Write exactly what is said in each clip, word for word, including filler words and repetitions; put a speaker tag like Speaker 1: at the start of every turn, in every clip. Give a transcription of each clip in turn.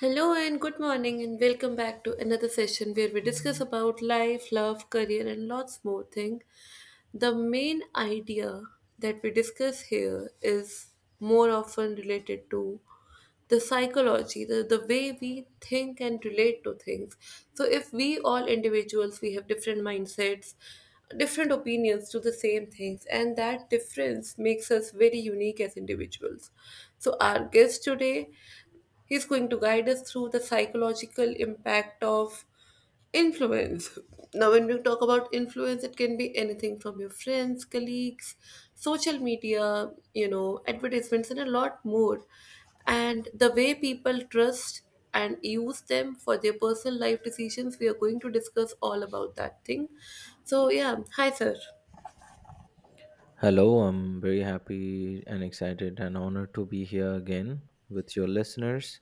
Speaker 1: Hello and good morning and welcome back to another session where we discuss about life, love, career and lots more things. The main idea that we discuss here is more often related to the psychology, the, the way we think and relate to things. So if we all individuals we have different mindsets, different opinions to the same things, and that difference makes us very unique as individuals, so our guest today, He's going to guide us through the psychological impact of influence. Now, when we talk about influence, it can be anything from your friends, colleagues, social media, you know, advertisements, and a lot more. And the way people trust and use them for their personal life decisions, we are going to discuss all about that thing. So, yeah, hi, sir.
Speaker 2: Hello, I'm very happy and excited and honored to be here again with your listeners.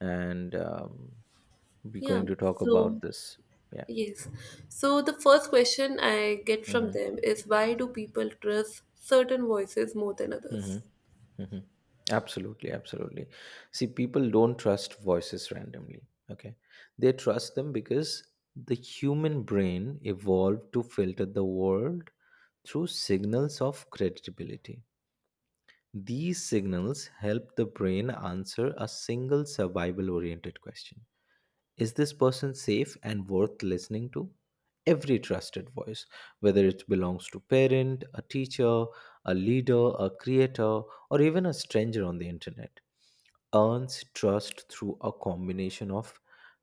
Speaker 2: And um, we're
Speaker 1: Yeah,
Speaker 2: going to talk
Speaker 1: so.
Speaker 2: about this. Yeah.
Speaker 1: Yes. So the first question I get from
Speaker 2: Mm-hmm.
Speaker 1: them is, why do people trust certain voices more than others?
Speaker 2: Mm-hmm. Mm-hmm. Absolutely. Absolutely. See, people don't trust voices randomly. Okay. They trust them because the human brain evolved to filter the world through signals of credibility. These signals help the brain answer a single survival oriented question. Is this person safe and worth listening to? Every trusted voice, whether it belongs to parent, a teacher, a leader, a creator, or even a stranger on the internet, earns trust through a combination of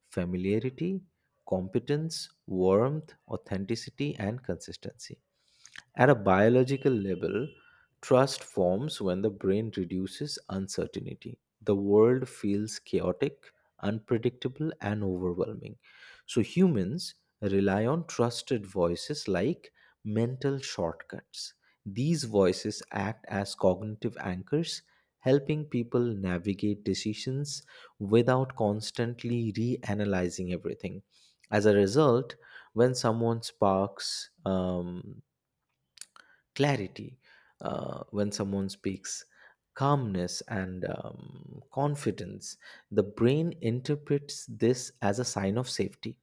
Speaker 2: familiarity, competence, warmth, authenticity, and consistency. At a biological level, trust forms when the brain reduces uncertainty. The world feels chaotic, unpredictable, and overwhelming. So humans rely on trusted voices like mental shortcuts. These voices act as cognitive anchors, helping people navigate decisions without constantly reanalyzing everything. As a result, when someone sparks um, clarity uh, when someone speaks, calmness, and um, confidence. The brain interprets this as a sign of safety,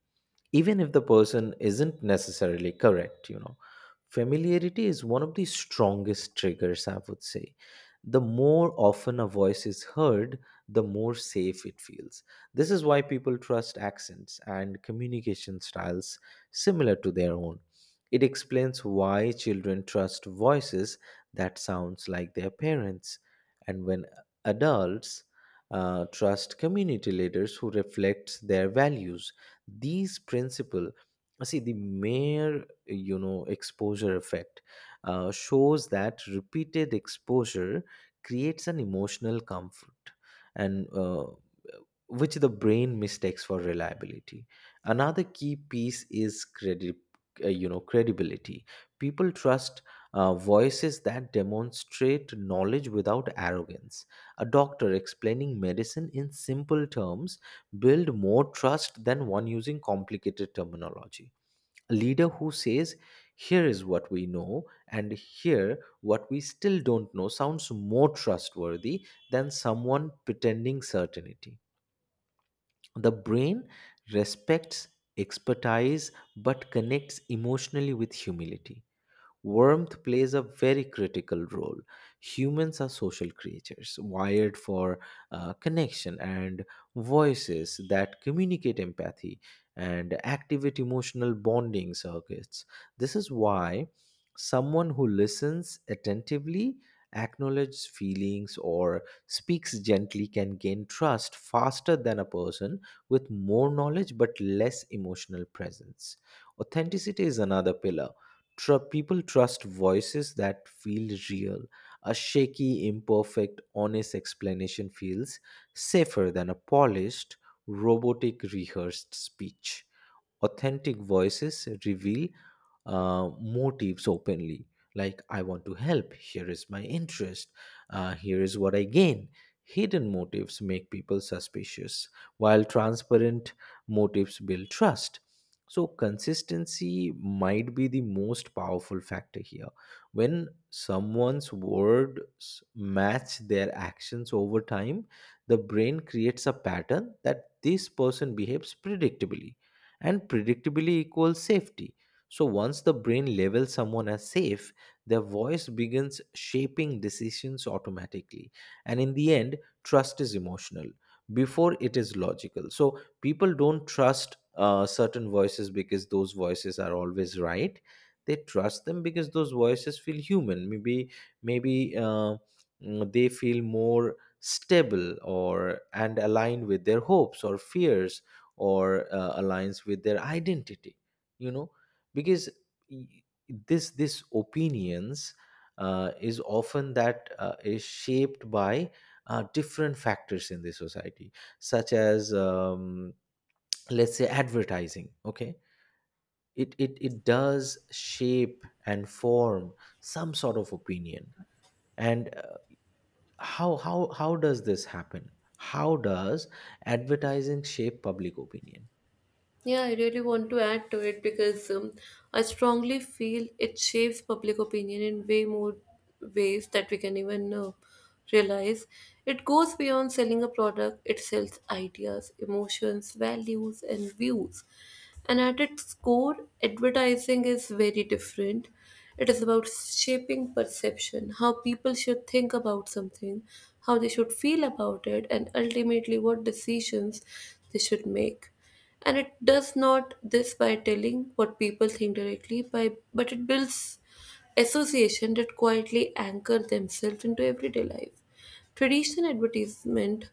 Speaker 2: even if the person isn't necessarily correct, you know. Familiarity is one of the strongest triggers, I would say the more often a voice is heard, the more safe it feels. This is why people trust accents and communication styles similar to their own. It explains why children trust voices that sounds like their parents, and when adults uh, trust community leaders who reflect their values. These principle, see the mere you know exposure effect uh, shows that repeated exposure creates an emotional comfort and uh, which the brain mistakes for reliability. Another key piece is credit uh, you know credibility. People trust uh, voices that demonstrate knowledge without arrogance. A doctor explaining medicine in simple terms build more trust than one using complicated terminology. A leader who says here is what we know and here what we still don't know sounds more trustworthy than someone pretending certainty. The brain respects expertise but connects emotionally with humility. Warmth plays a very critical role. Humans are social creatures, wired for uh, connection, and voices that communicate empathy and activate emotional bonding circuits. This is why someone who listens attentively, acknowledges feelings, or speaks gently can gain trust faster than a person with more knowledge but less emotional presence. Authenticity is another pillar. Tr- people trust voices that feel real. A shaky, imperfect, honest explanation feels safer than a polished, robotic, rehearsed speech. Authentic voices reveal uh, motives openly, like I want to help, here is my interest, uh, here is what I gain. Hidden motives make people suspicious, while transparent motives build trust. So consistency might be the most powerful factor here. When someone's words match their actions over time, the brain creates a pattern that this person behaves predictably, and predictably equals safety. So once the brain labels someone as safe, their voice begins shaping decisions automatically. And in the end, trust is emotional before it is logical. So people don't trust uh, certain voices because those voices are always right. They trust them because those voices feel human. Maybe maybe uh, mm, they feel more stable or and aligned with their hopes or fears, or uh, aligns with their identity, you know, because y- this this opinions uh, is often that uh, is shaped by uh, different factors in the society, such as um, let's say advertising. Okay, it, it it does shape and form some sort of opinion. And uh, how how how does this happen? How does advertising shape public opinion?
Speaker 1: Yeah, I really want to add to it because um, I strongly feel it shapes public opinion in way more ways that we can even uh, realize. It goes beyond selling a product, it sells ideas, emotions, values, and views. And at its core, advertising is very different. It is about shaping perception, how people should think about something, how they should feel about it, and ultimately what decisions they should make. And it does not this by telling what people think directly, by but it builds association that quietly anchor themselves into everyday life. Traditional advertisement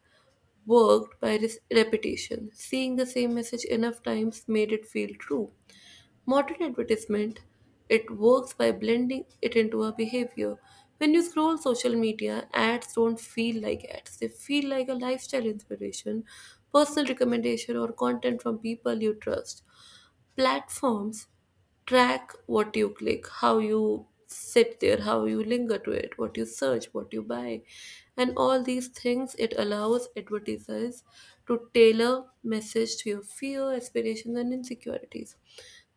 Speaker 1: worked by this repetition, seeing the same message enough times made it feel true. Modern advertisement, it works by blending it into a behavior. When you scroll social media, ads don't feel like ads. They feel like a lifestyle inspiration, personal recommendation, or content from people you trust. Platforms track what you click, how you sit there, how you linger to it, what you search, what you buy. And all these things, it allows advertisers to tailor message to your fear, aspirations, and insecurities.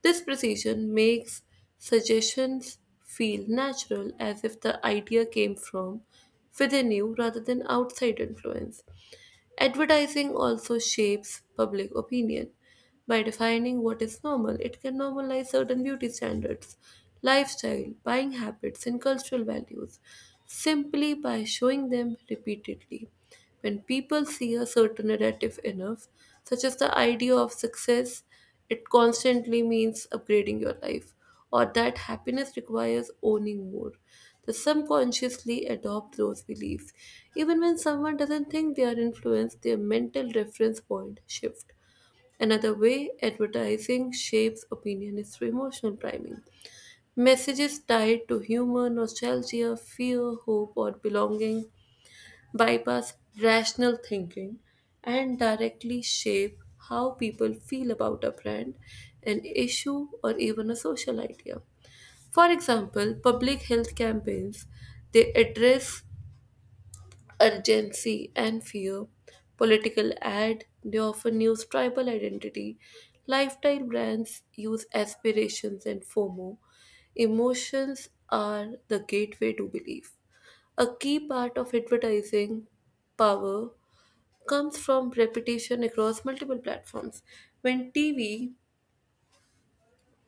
Speaker 1: This precision makes suggestions feel natural, as if the idea came from within you rather than outside influence. Advertising also shapes public opinion. By defining what is normal, it can normalize certain beauty standards, lifestyle, buying habits, and cultural values simply by showing them repeatedly. When people see a certain narrative enough, such as the idea of success, it constantly means upgrading your life, or that happiness requires owning more. They subconsciously adopt those beliefs. Even when someone doesn't think they are influenced, their mental reference point shift. Another way advertising shapes opinion is through emotional priming. Messages tied to humor, nostalgia, fear, hope, or belonging bypass rational thinking and directly shape how people feel about a brand, an issue, or even a social idea. For example, public health campaigns, they address urgency and fear. Political ad, they often use tribal identity. Lifestyle brands use aspirations and FOMO. Emotions are the gateway to belief. A key part of advertising power comes from repetition across multiple platforms. When T V,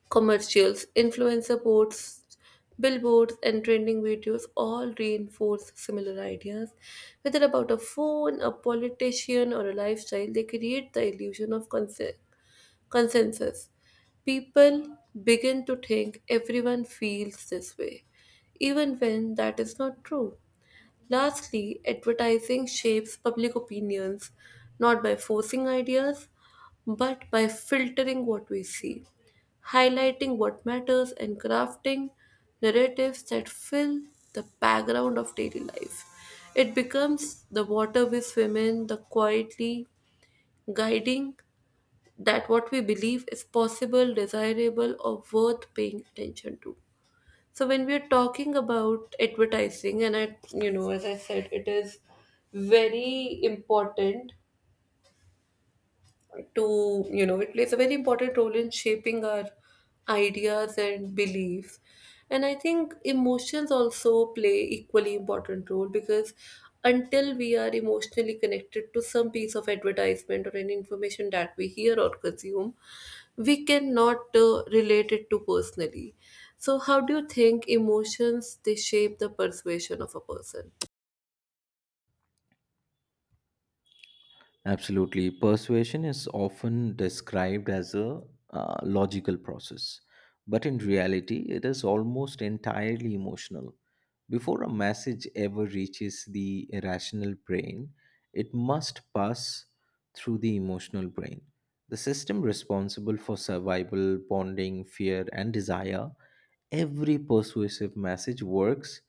Speaker 1: commercials, influencer posts, billboards, and trending videos all reinforce similar ideas, whether about a phone, a politician, or a lifestyle, they create the illusion of consen- consensus. People begin to think everyone feels this way, even when that is not true. Lastly, advertising shapes public opinions not by forcing ideas, but by filtering what we see, highlighting what matters, and crafting narratives that fill the background of daily life. It becomes the water we swim in, the quietly guiding that what we believe is possible, desirable, or worth paying attention to. So when we're talking about advertising, and I, you know, as I said, it is very important to, you know it plays a very important role in shaping our ideas and beliefs, and I think emotions also play equally important role because until we are emotionally connected to some piece of advertisement or any information that we hear or consume, we cannot uh, relate it to personally. So how do you think emotions they shape the persuasion of a person?
Speaker 2: Absolutely. Persuasion is often described as a uh, logical process, but in reality, it is almost entirely emotional. Before a message ever reaches the irrational brain, it must pass through the emotional brain. The system responsible for survival, bonding, fear, and desire. Every persuasive message works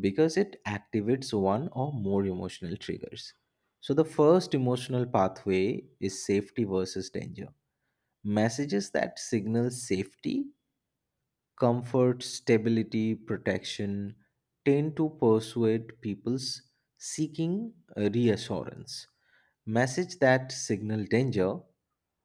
Speaker 2: because it activates one or more emotional triggers. So, the first emotional pathway is safety versus danger. Messages that signal safety, comfort, stability, protection tend to persuade people's seeking uh, reassurance. Message that signal danger,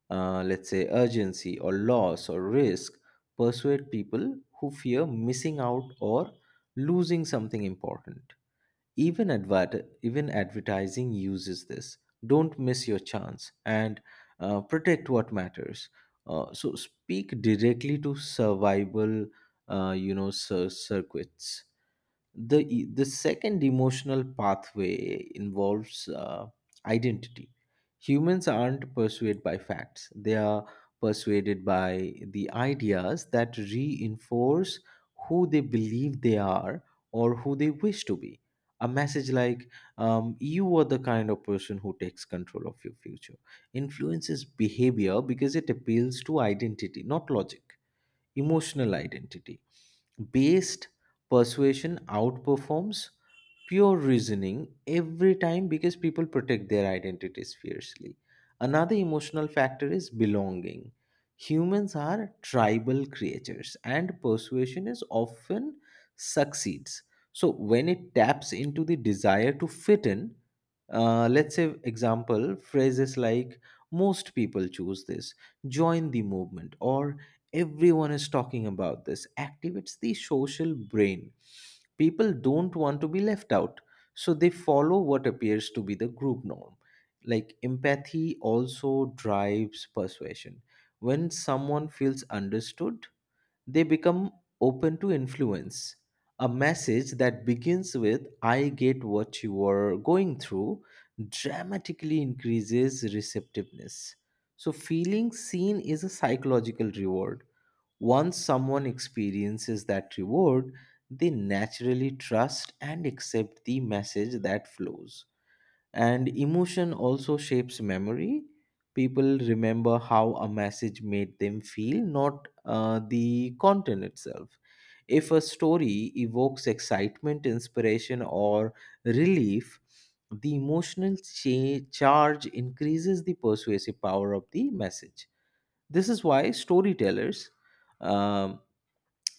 Speaker 2: uh, let's say, urgency or loss or risk, persuade people who fear missing out or losing something important. Even, advert- even advertising uses this. Don't miss your chance, and uh, protect what matters. Uh, so speak directly to survival, uh, you know, cir- circuits. The e- the second emotional pathway involves uh, identity. Humans aren't persuaded by facts; they are persuaded by the ideas that reinforce who they believe they are or who they wish to be. A message like, um, you are the kind of person who takes control of your future, influences behavior because it appeals to identity, not logic. Emotional identity based persuasion outperforms pure reasoning every time because people protect their identities fiercely. Another emotional factor is belonging. Humans are tribal creatures and persuasion is often succeeds. So when it taps into the desire to fit in, uh, let's say example phrases like most people choose this, join the movement, or everyone is talking about this activates the social brain. People don't want to be left out, so they follow what appears to be the group norm. Like empathy also drives persuasion. When someone feels understood, they become open to influence. A message that begins with I get what you are going through dramatically increases receptiveness. So feeling seen is a psychological reward. Once someone experiences that reward, they naturally trust and accept the message that flows. And emotion also shapes memory. People remember how a message made them feel, not uh, the content itself. If a story evokes excitement, inspiration, or relief, the emotional cha- charge increases the persuasive power of the message. This is why storytellers, um,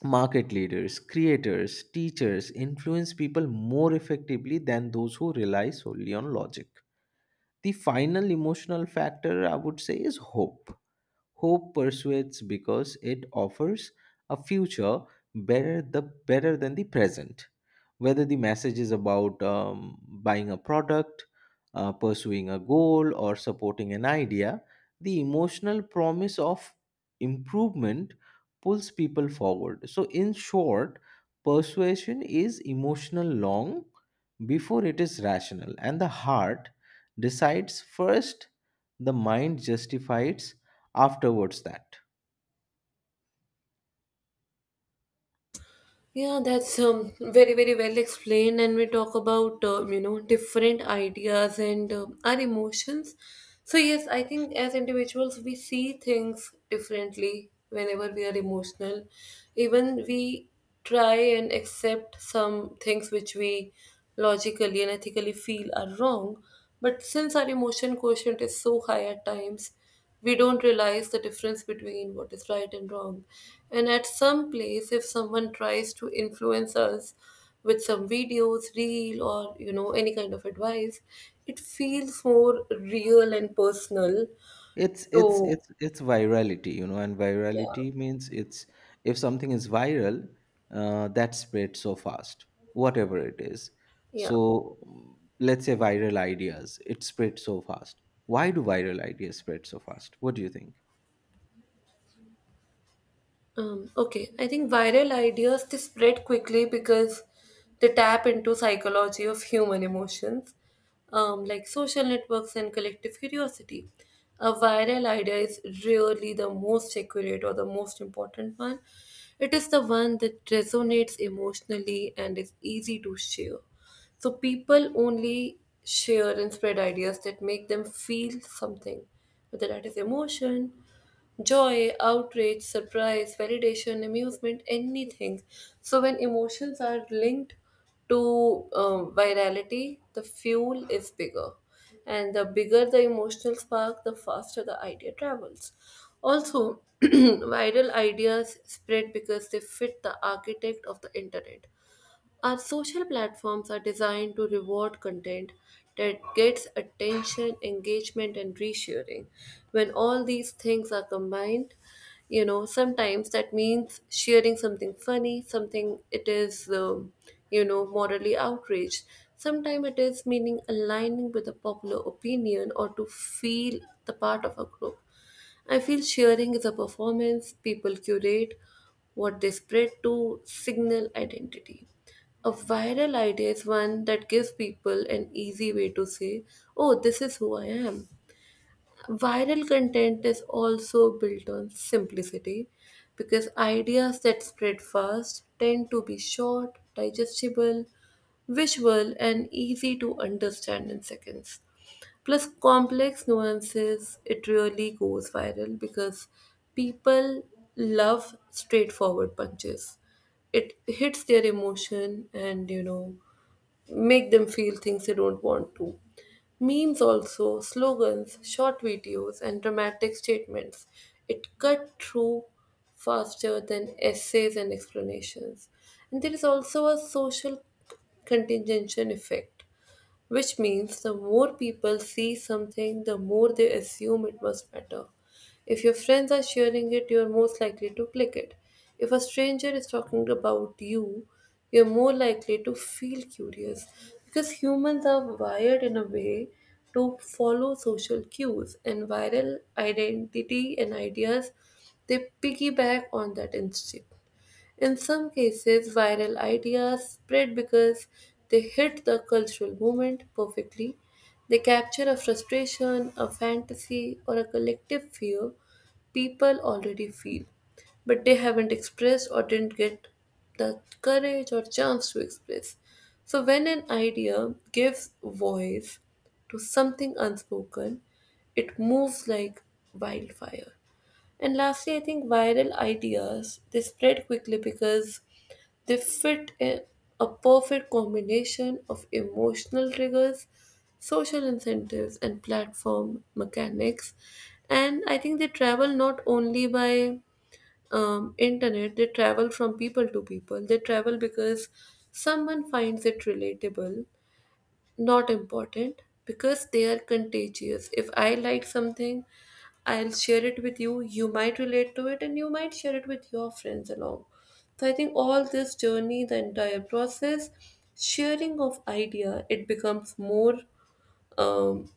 Speaker 2: market leaders, creators, teachers influence people more effectively than those who rely solely on logic. The final emotional factor, I would say, is hope. Hope persuades because it offers a future better the better than the present. Whether the message is about um, buying a product, uh, pursuing a goal, or supporting an idea, the emotional promise of improvement pulls people forward. So, in short, persuasion is emotional long before it is rational, and the heart decides first, the mind justifies afterwards that
Speaker 1: Yeah, that's um, very, very well explained. And we talk about, um, you know, different ideas and um our emotions. So, yes, I think as individuals, we see things differently whenever we are emotional. Even we try and accept some things which we logically and ethically feel are wrong. But since our emotion quotient is so high at times, we don't realize the difference between what is right and wrong. And at some place, if someone tries to influence us with some videos, reel, or you know, any kind of advice, it feels more real and personal.
Speaker 2: it's it's
Speaker 1: So,
Speaker 2: it's it's virality, you know. And
Speaker 1: yeah,
Speaker 2: virality means it's, if something is viral, uh, that spreads so fast, whatever it is.
Speaker 1: yeah.
Speaker 2: So mm, let's say viral ideas, it spreads so fast. Why do viral ideas spread so fast? What do you think?
Speaker 1: Um, okay, I think viral ideas they spread quickly because they tap into psychology of human emotions, um, like social networks and collective curiosity. A viral idea is really the most accurate or the most important one. It is the one that resonates emotionally and is easy to share. So people only share and spread ideas that make them feel something, whether that is emotion, joy, outrage, surprise, validation, amusement, anything. So when emotions are linked to um, virality, the fuel is bigger. And the bigger the emotional spark, the faster the idea travels. Also, viral ideas spread because they fit the architect of the internet. Our social platforms are designed to reward content that gets attention, engagement, and resharing. When all these things are combined, you know, sometimes that means sharing something funny, something it is, um, you know, morally outraged. Sometimes it is meaning aligning with a popular opinion or to feel the part of a group. I feel sharing is a performance people curate what they spread to signal identity. A viral idea is one that gives people an easy way to say, oh, this is who I am. Viral content is also built on simplicity, because ideas that spread fast tend to be short, digestible, visual, and easy to understand in seconds, plus complex nuances, it really goes viral because people love straightforward punches. It hits their emotion and you know make them feel things they don't want to. Memes also, slogans, short videos, and dramatic statements. It cut through faster than essays and explanations. And there is also a social contingency effect, which means the more people see something, the more they assume it must matter. If your friends are sharing it, you are most likely to click it. If a stranger is talking about you, you're more likely to feel curious, because humans are wired in a way to follow social cues, and viral identity and ideas, they piggyback on that instinct. In some cases, viral ideas spread because they hit the cultural moment perfectly. They capture a frustration, a fantasy, or a collective fear people already feel, but they haven't expressed or didn't get the courage or chance to express. So, when an idea gives voice to something unspoken, it moves like wildfire. And lastly, I think viral ideas they spread quickly because they fit in a perfect combination of emotional triggers, social incentives, and platform mechanics. And I think they travel not only by um, internet; they travel from people to people. They travel because someone finds it relatable, not important because they are contagious. If I like something, I'll share it with you. You might relate to it and you might share it with your friends along. So I think all this journey, the entire process, sharing of idea, it becomes more um,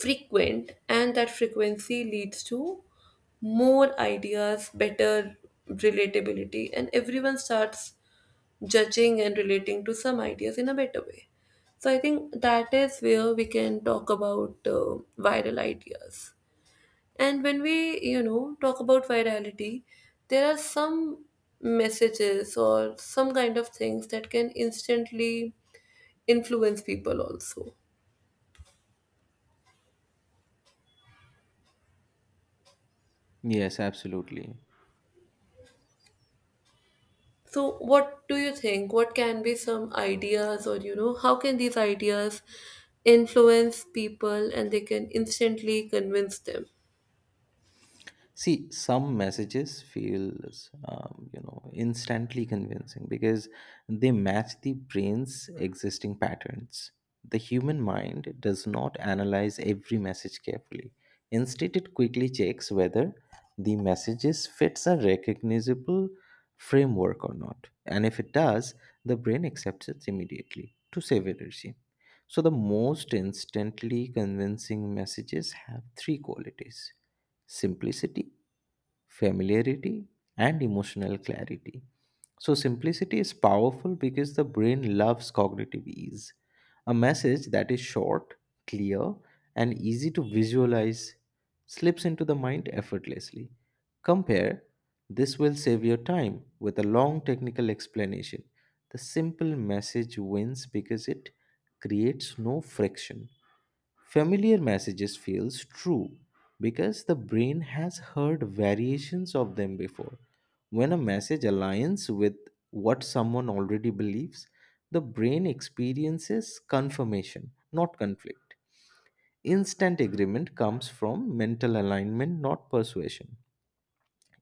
Speaker 1: frequent, and that frequency leads to more ideas, better relatability, and everyone starts judging and relating to some ideas in a better way. So I think that is where we can talk about uh, viral ideas. And when we, you know, talk about virality, there are some messages or some kind of things that can instantly influence people also.
Speaker 2: Yes, absolutely.
Speaker 1: So what do you think? What can be some ideas, or, you know, how can these ideas influence people and they can instantly convince them?
Speaker 2: See, some messages feel, um, you know, instantly convincing because they match the brain's existing patterns. The human mind does not analyze every message carefully. Instead, it quickly checks whether the messages fits a recognizable framework or not. And if it does, the brain accepts it immediately to save energy. So the most instantly convincing messages have three qualities: simplicity, familiarity, and emotional clarity. So, simplicity is powerful because the brain loves cognitive ease. A message that is short, clear, and easy to visualize slips into the mind effortlessly. Compare this will save your time with a long technical explanation. The simple message wins because it creates no friction. Familiar messages feels true because the brain has heard variations of them before. When a message aligns with what someone already believes, the brain experiences confirmation, not conflict. Instant agreement comes from mental alignment, not persuasion.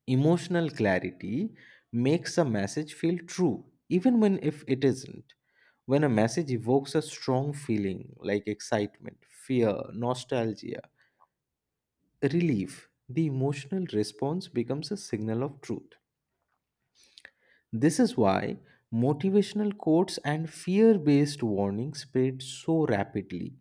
Speaker 2: Emotional clarity makes a message feel true even when if it isn't. When a message evokes a strong feeling like excitement, fear, nostalgia, relief, the emotional response becomes a signal of truth. This is why motivational quotes and fear based warnings spread so rapidly.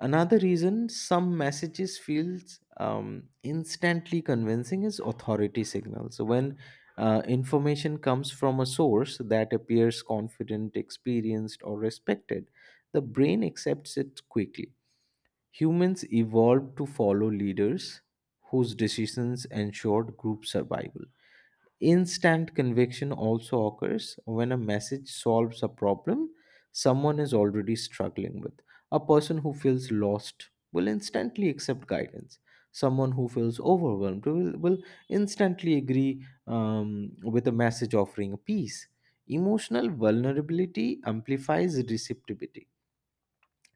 Speaker 2: Another reason some messages feels um, instantly convincing is authority signals. So when uh, information comes from a source that appears confident, experienced, or respected, the brain accepts it quickly. Humans evolved to follow leaders whose decisions ensured group survival. Instant conviction also occurs when a message solves a problem someone is already struggling with. A person who feels lost will instantly accept guidance. Someone who feels overwhelmed will, will instantly agree um, with a message offering peace. Emotional vulnerability amplifies receptivity.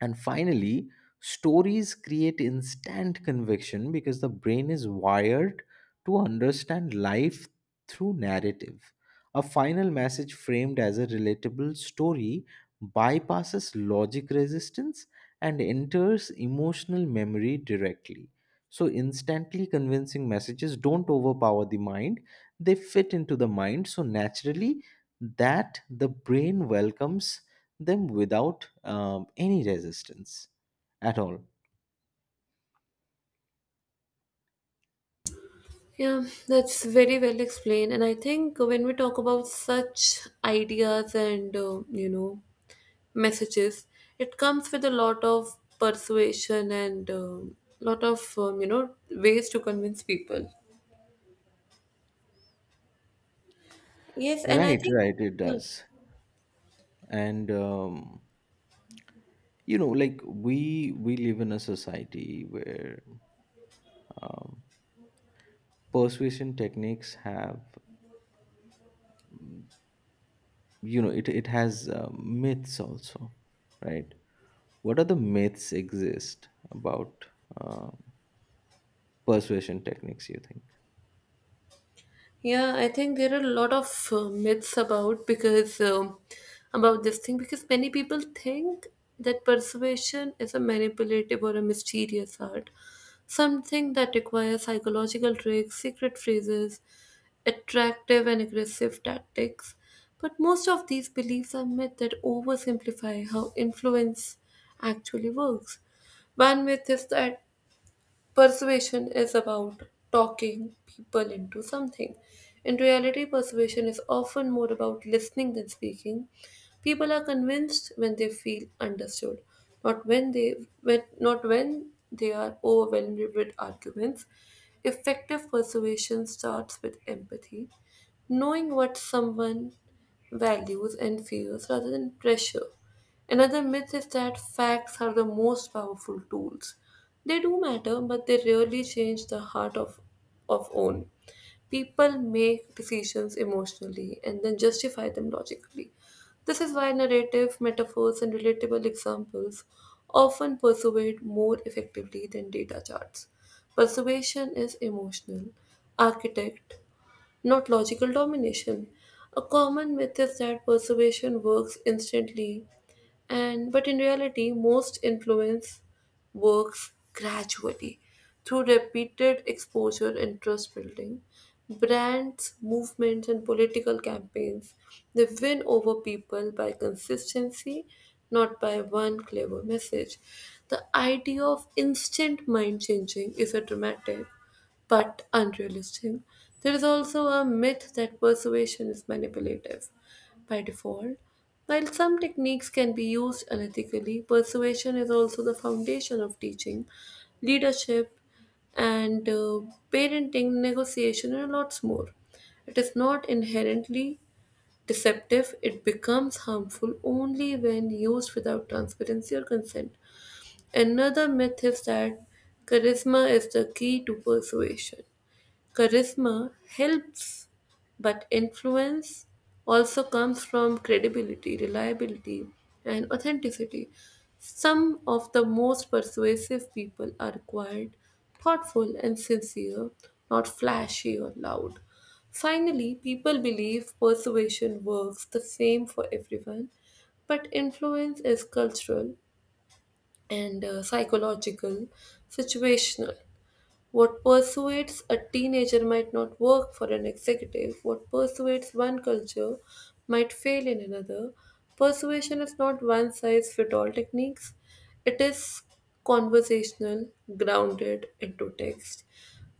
Speaker 2: And finally, stories create instant conviction because the brain is wired to understand life through narrative. A final message framed as a relatable story bypasses logic resistance and enters emotional memory directly. So, instantly convincing messages don't overpower the mind, they fit into the mind. So, naturally, that the brain welcomes them without um, any resistance at all.
Speaker 1: Yeah, that's very well explained. And I think when we talk about such ideas and, uh, you know, messages, it comes with a lot of persuasion and a lot of, um, you know, ways to convince people. Yes, and I
Speaker 2: Right,
Speaker 1: think,
Speaker 2: right, it
Speaker 1: yeah.
Speaker 2: does. And um, you know, like we we live in a society where um, persuasion techniques have, mm, you know, it, it has uh, myths also, right? What are the myths exist about um persuasion techniques, you think?
Speaker 1: Yeah, I think there are a lot of uh, myths about, because um, about this thing, because many people think that persuasion is a manipulative or a mysterious art, something that requires psychological tricks, secret phrases, attractive and aggressive tactics. But most of these beliefs are myths that oversimplify how influence actually works. One myth is that Persuasion is about talking people into something. In reality, persuasion is often more about listening than speaking. People are convinced when they feel understood, not when they when, not when they are overwhelmed with arguments. Effective persuasion starts with empathy, knowing what someone values and fears rather than pressure. Another myth is that facts are the most powerful tools. They do matter, but they rarely change the heart of, of own. People make decisions emotionally and then justify them logically. This is why narrative, metaphors, and relatable examples often persuade more effectively than data charts. Persuasion is emotional, architect, not logical domination. A common myth is that persuasion works instantly, and but in reality, most influence works gradually through repeated exposure and trust building. Brands, movements, and political campaigns, they win over people by consistency, not by one clever message. The idea of instant mind changing is a dramatic but unrealistic. There is also a myth that persuasion is manipulative by default. While some techniques can be used unethically, persuasion is also the foundation of teaching, leadership, and uh, parenting, negotiation, and lots more. It is not inherently deceptive, it becomes harmful only when used without transparency or consent. Another myth is that charisma is the key to persuasion. Charisma helps, but influence also comes from credibility, reliability, and authenticity. Some of the most persuasive people are quiet, thoughtful, and sincere, not flashy or loud. Finally, people believe persuasion works the same for everyone, but influence is cultural and uh, psychological, situational. What persuades a teenager might not work for an executive. What persuades one culture might fail in another. Persuasion is not one size fit all techniques, it is conversational, grounded into text.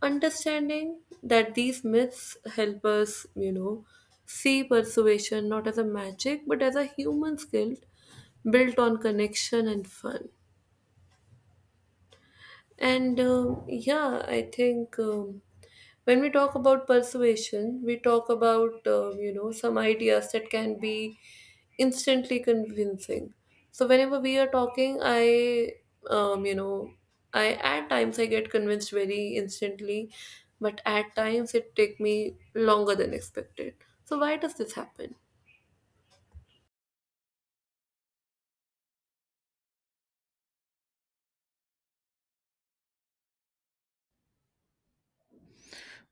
Speaker 1: Understanding that these myths help us, you know, see persuasion not as a magic but as a human skill built on connection and fun. And um, yeah, I think um, when we talk about persuasion, we talk about um, you know some ideas that can be instantly convincing. So whenever we are talking, I um, you know I at times I get convinced very instantly, but at times it take me longer than expected. So why does this happen?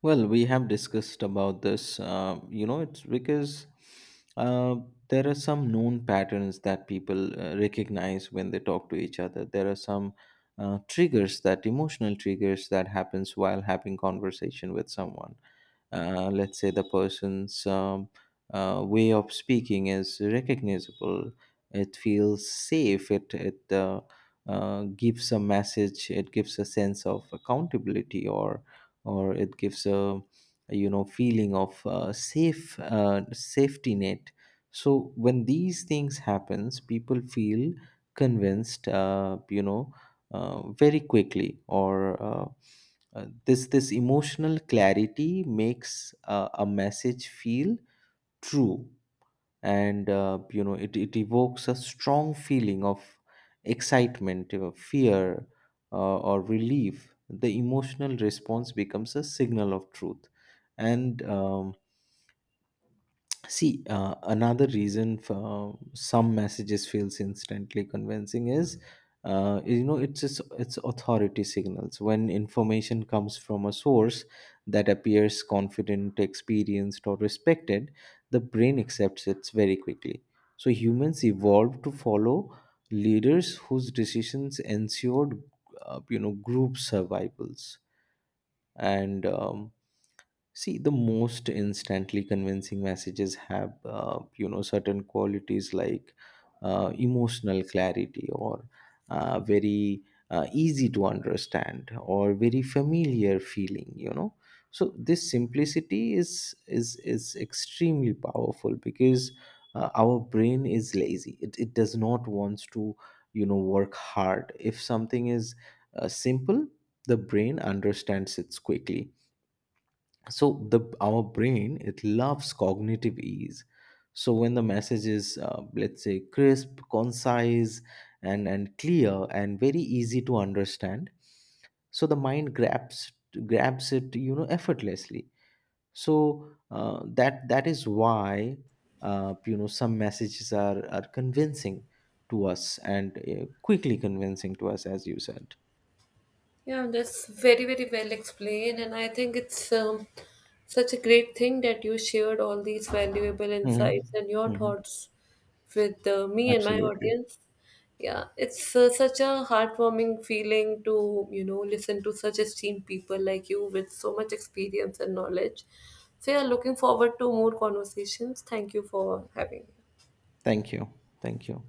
Speaker 2: Well, we have discussed about this. Uh, you know, it's because uh, there are some known patterns that people uh, recognize when they talk to each other. There are some uh, triggers that emotional triggers that happens while having conversation with someone. Uh, let's say the person's, um, uh, way of speaking is recognizable. It feels safe. It it uh, uh, gives a message, it gives a sense of accountability, or or it gives a, you know, feeling of uh, safe uh, safety net. So when these things happens, people feel convinced, uh, you know, uh, very quickly. Or uh, uh, this this emotional clarity makes uh, a message feel true. And uh, you know, it, it evokes a strong feeling of excitement, uh, fear, uh, or relief. The emotional response becomes a signal of truth. And um, See, uh, another reason for some messages feels instantly convincing is, uh, you know, it's just, it's authority signals. When information comes from a source that appears confident, experienced, or respected, the brain accepts it very quickly. So humans evolved to follow leaders whose decisions ensured, uh, you know, group survivals and. Um, See, the most instantly convincing messages have, uh, you know, certain qualities, like uh, emotional clarity, or uh, very uh, easy to understand, or very familiar feeling. You know, so this simplicity is is is extremely powerful because uh, our brain is lazy. It it does not wants to, you know, work hard. If something is uh, simple, the brain understands it quickly. So the our brain, it loves cognitive ease. So when the message is, uh, let's say, crisp, concise, and and clear, and very easy to understand, so the mind grabs grabs it, you know, effortlessly. So uh, that that is why, uh, you know, some messages are are convincing to us, and uh, quickly convincing to us, as you said.
Speaker 1: Yeah, that's very, very well explained, and I think it's um, such a great thing that you shared all these valuable
Speaker 2: Hmm.
Speaker 1: insights and your
Speaker 2: Hmm.
Speaker 1: thoughts with uh, me and my
Speaker 2: Absolutely.
Speaker 1: audience. Yeah, it's uh, such a heartwarming feeling to, you know, listen to such esteemed people like you with so much experience and knowledge. So, yeah, looking forward to more conversations. Thank you for having me.
Speaker 2: Thank you. Thank you.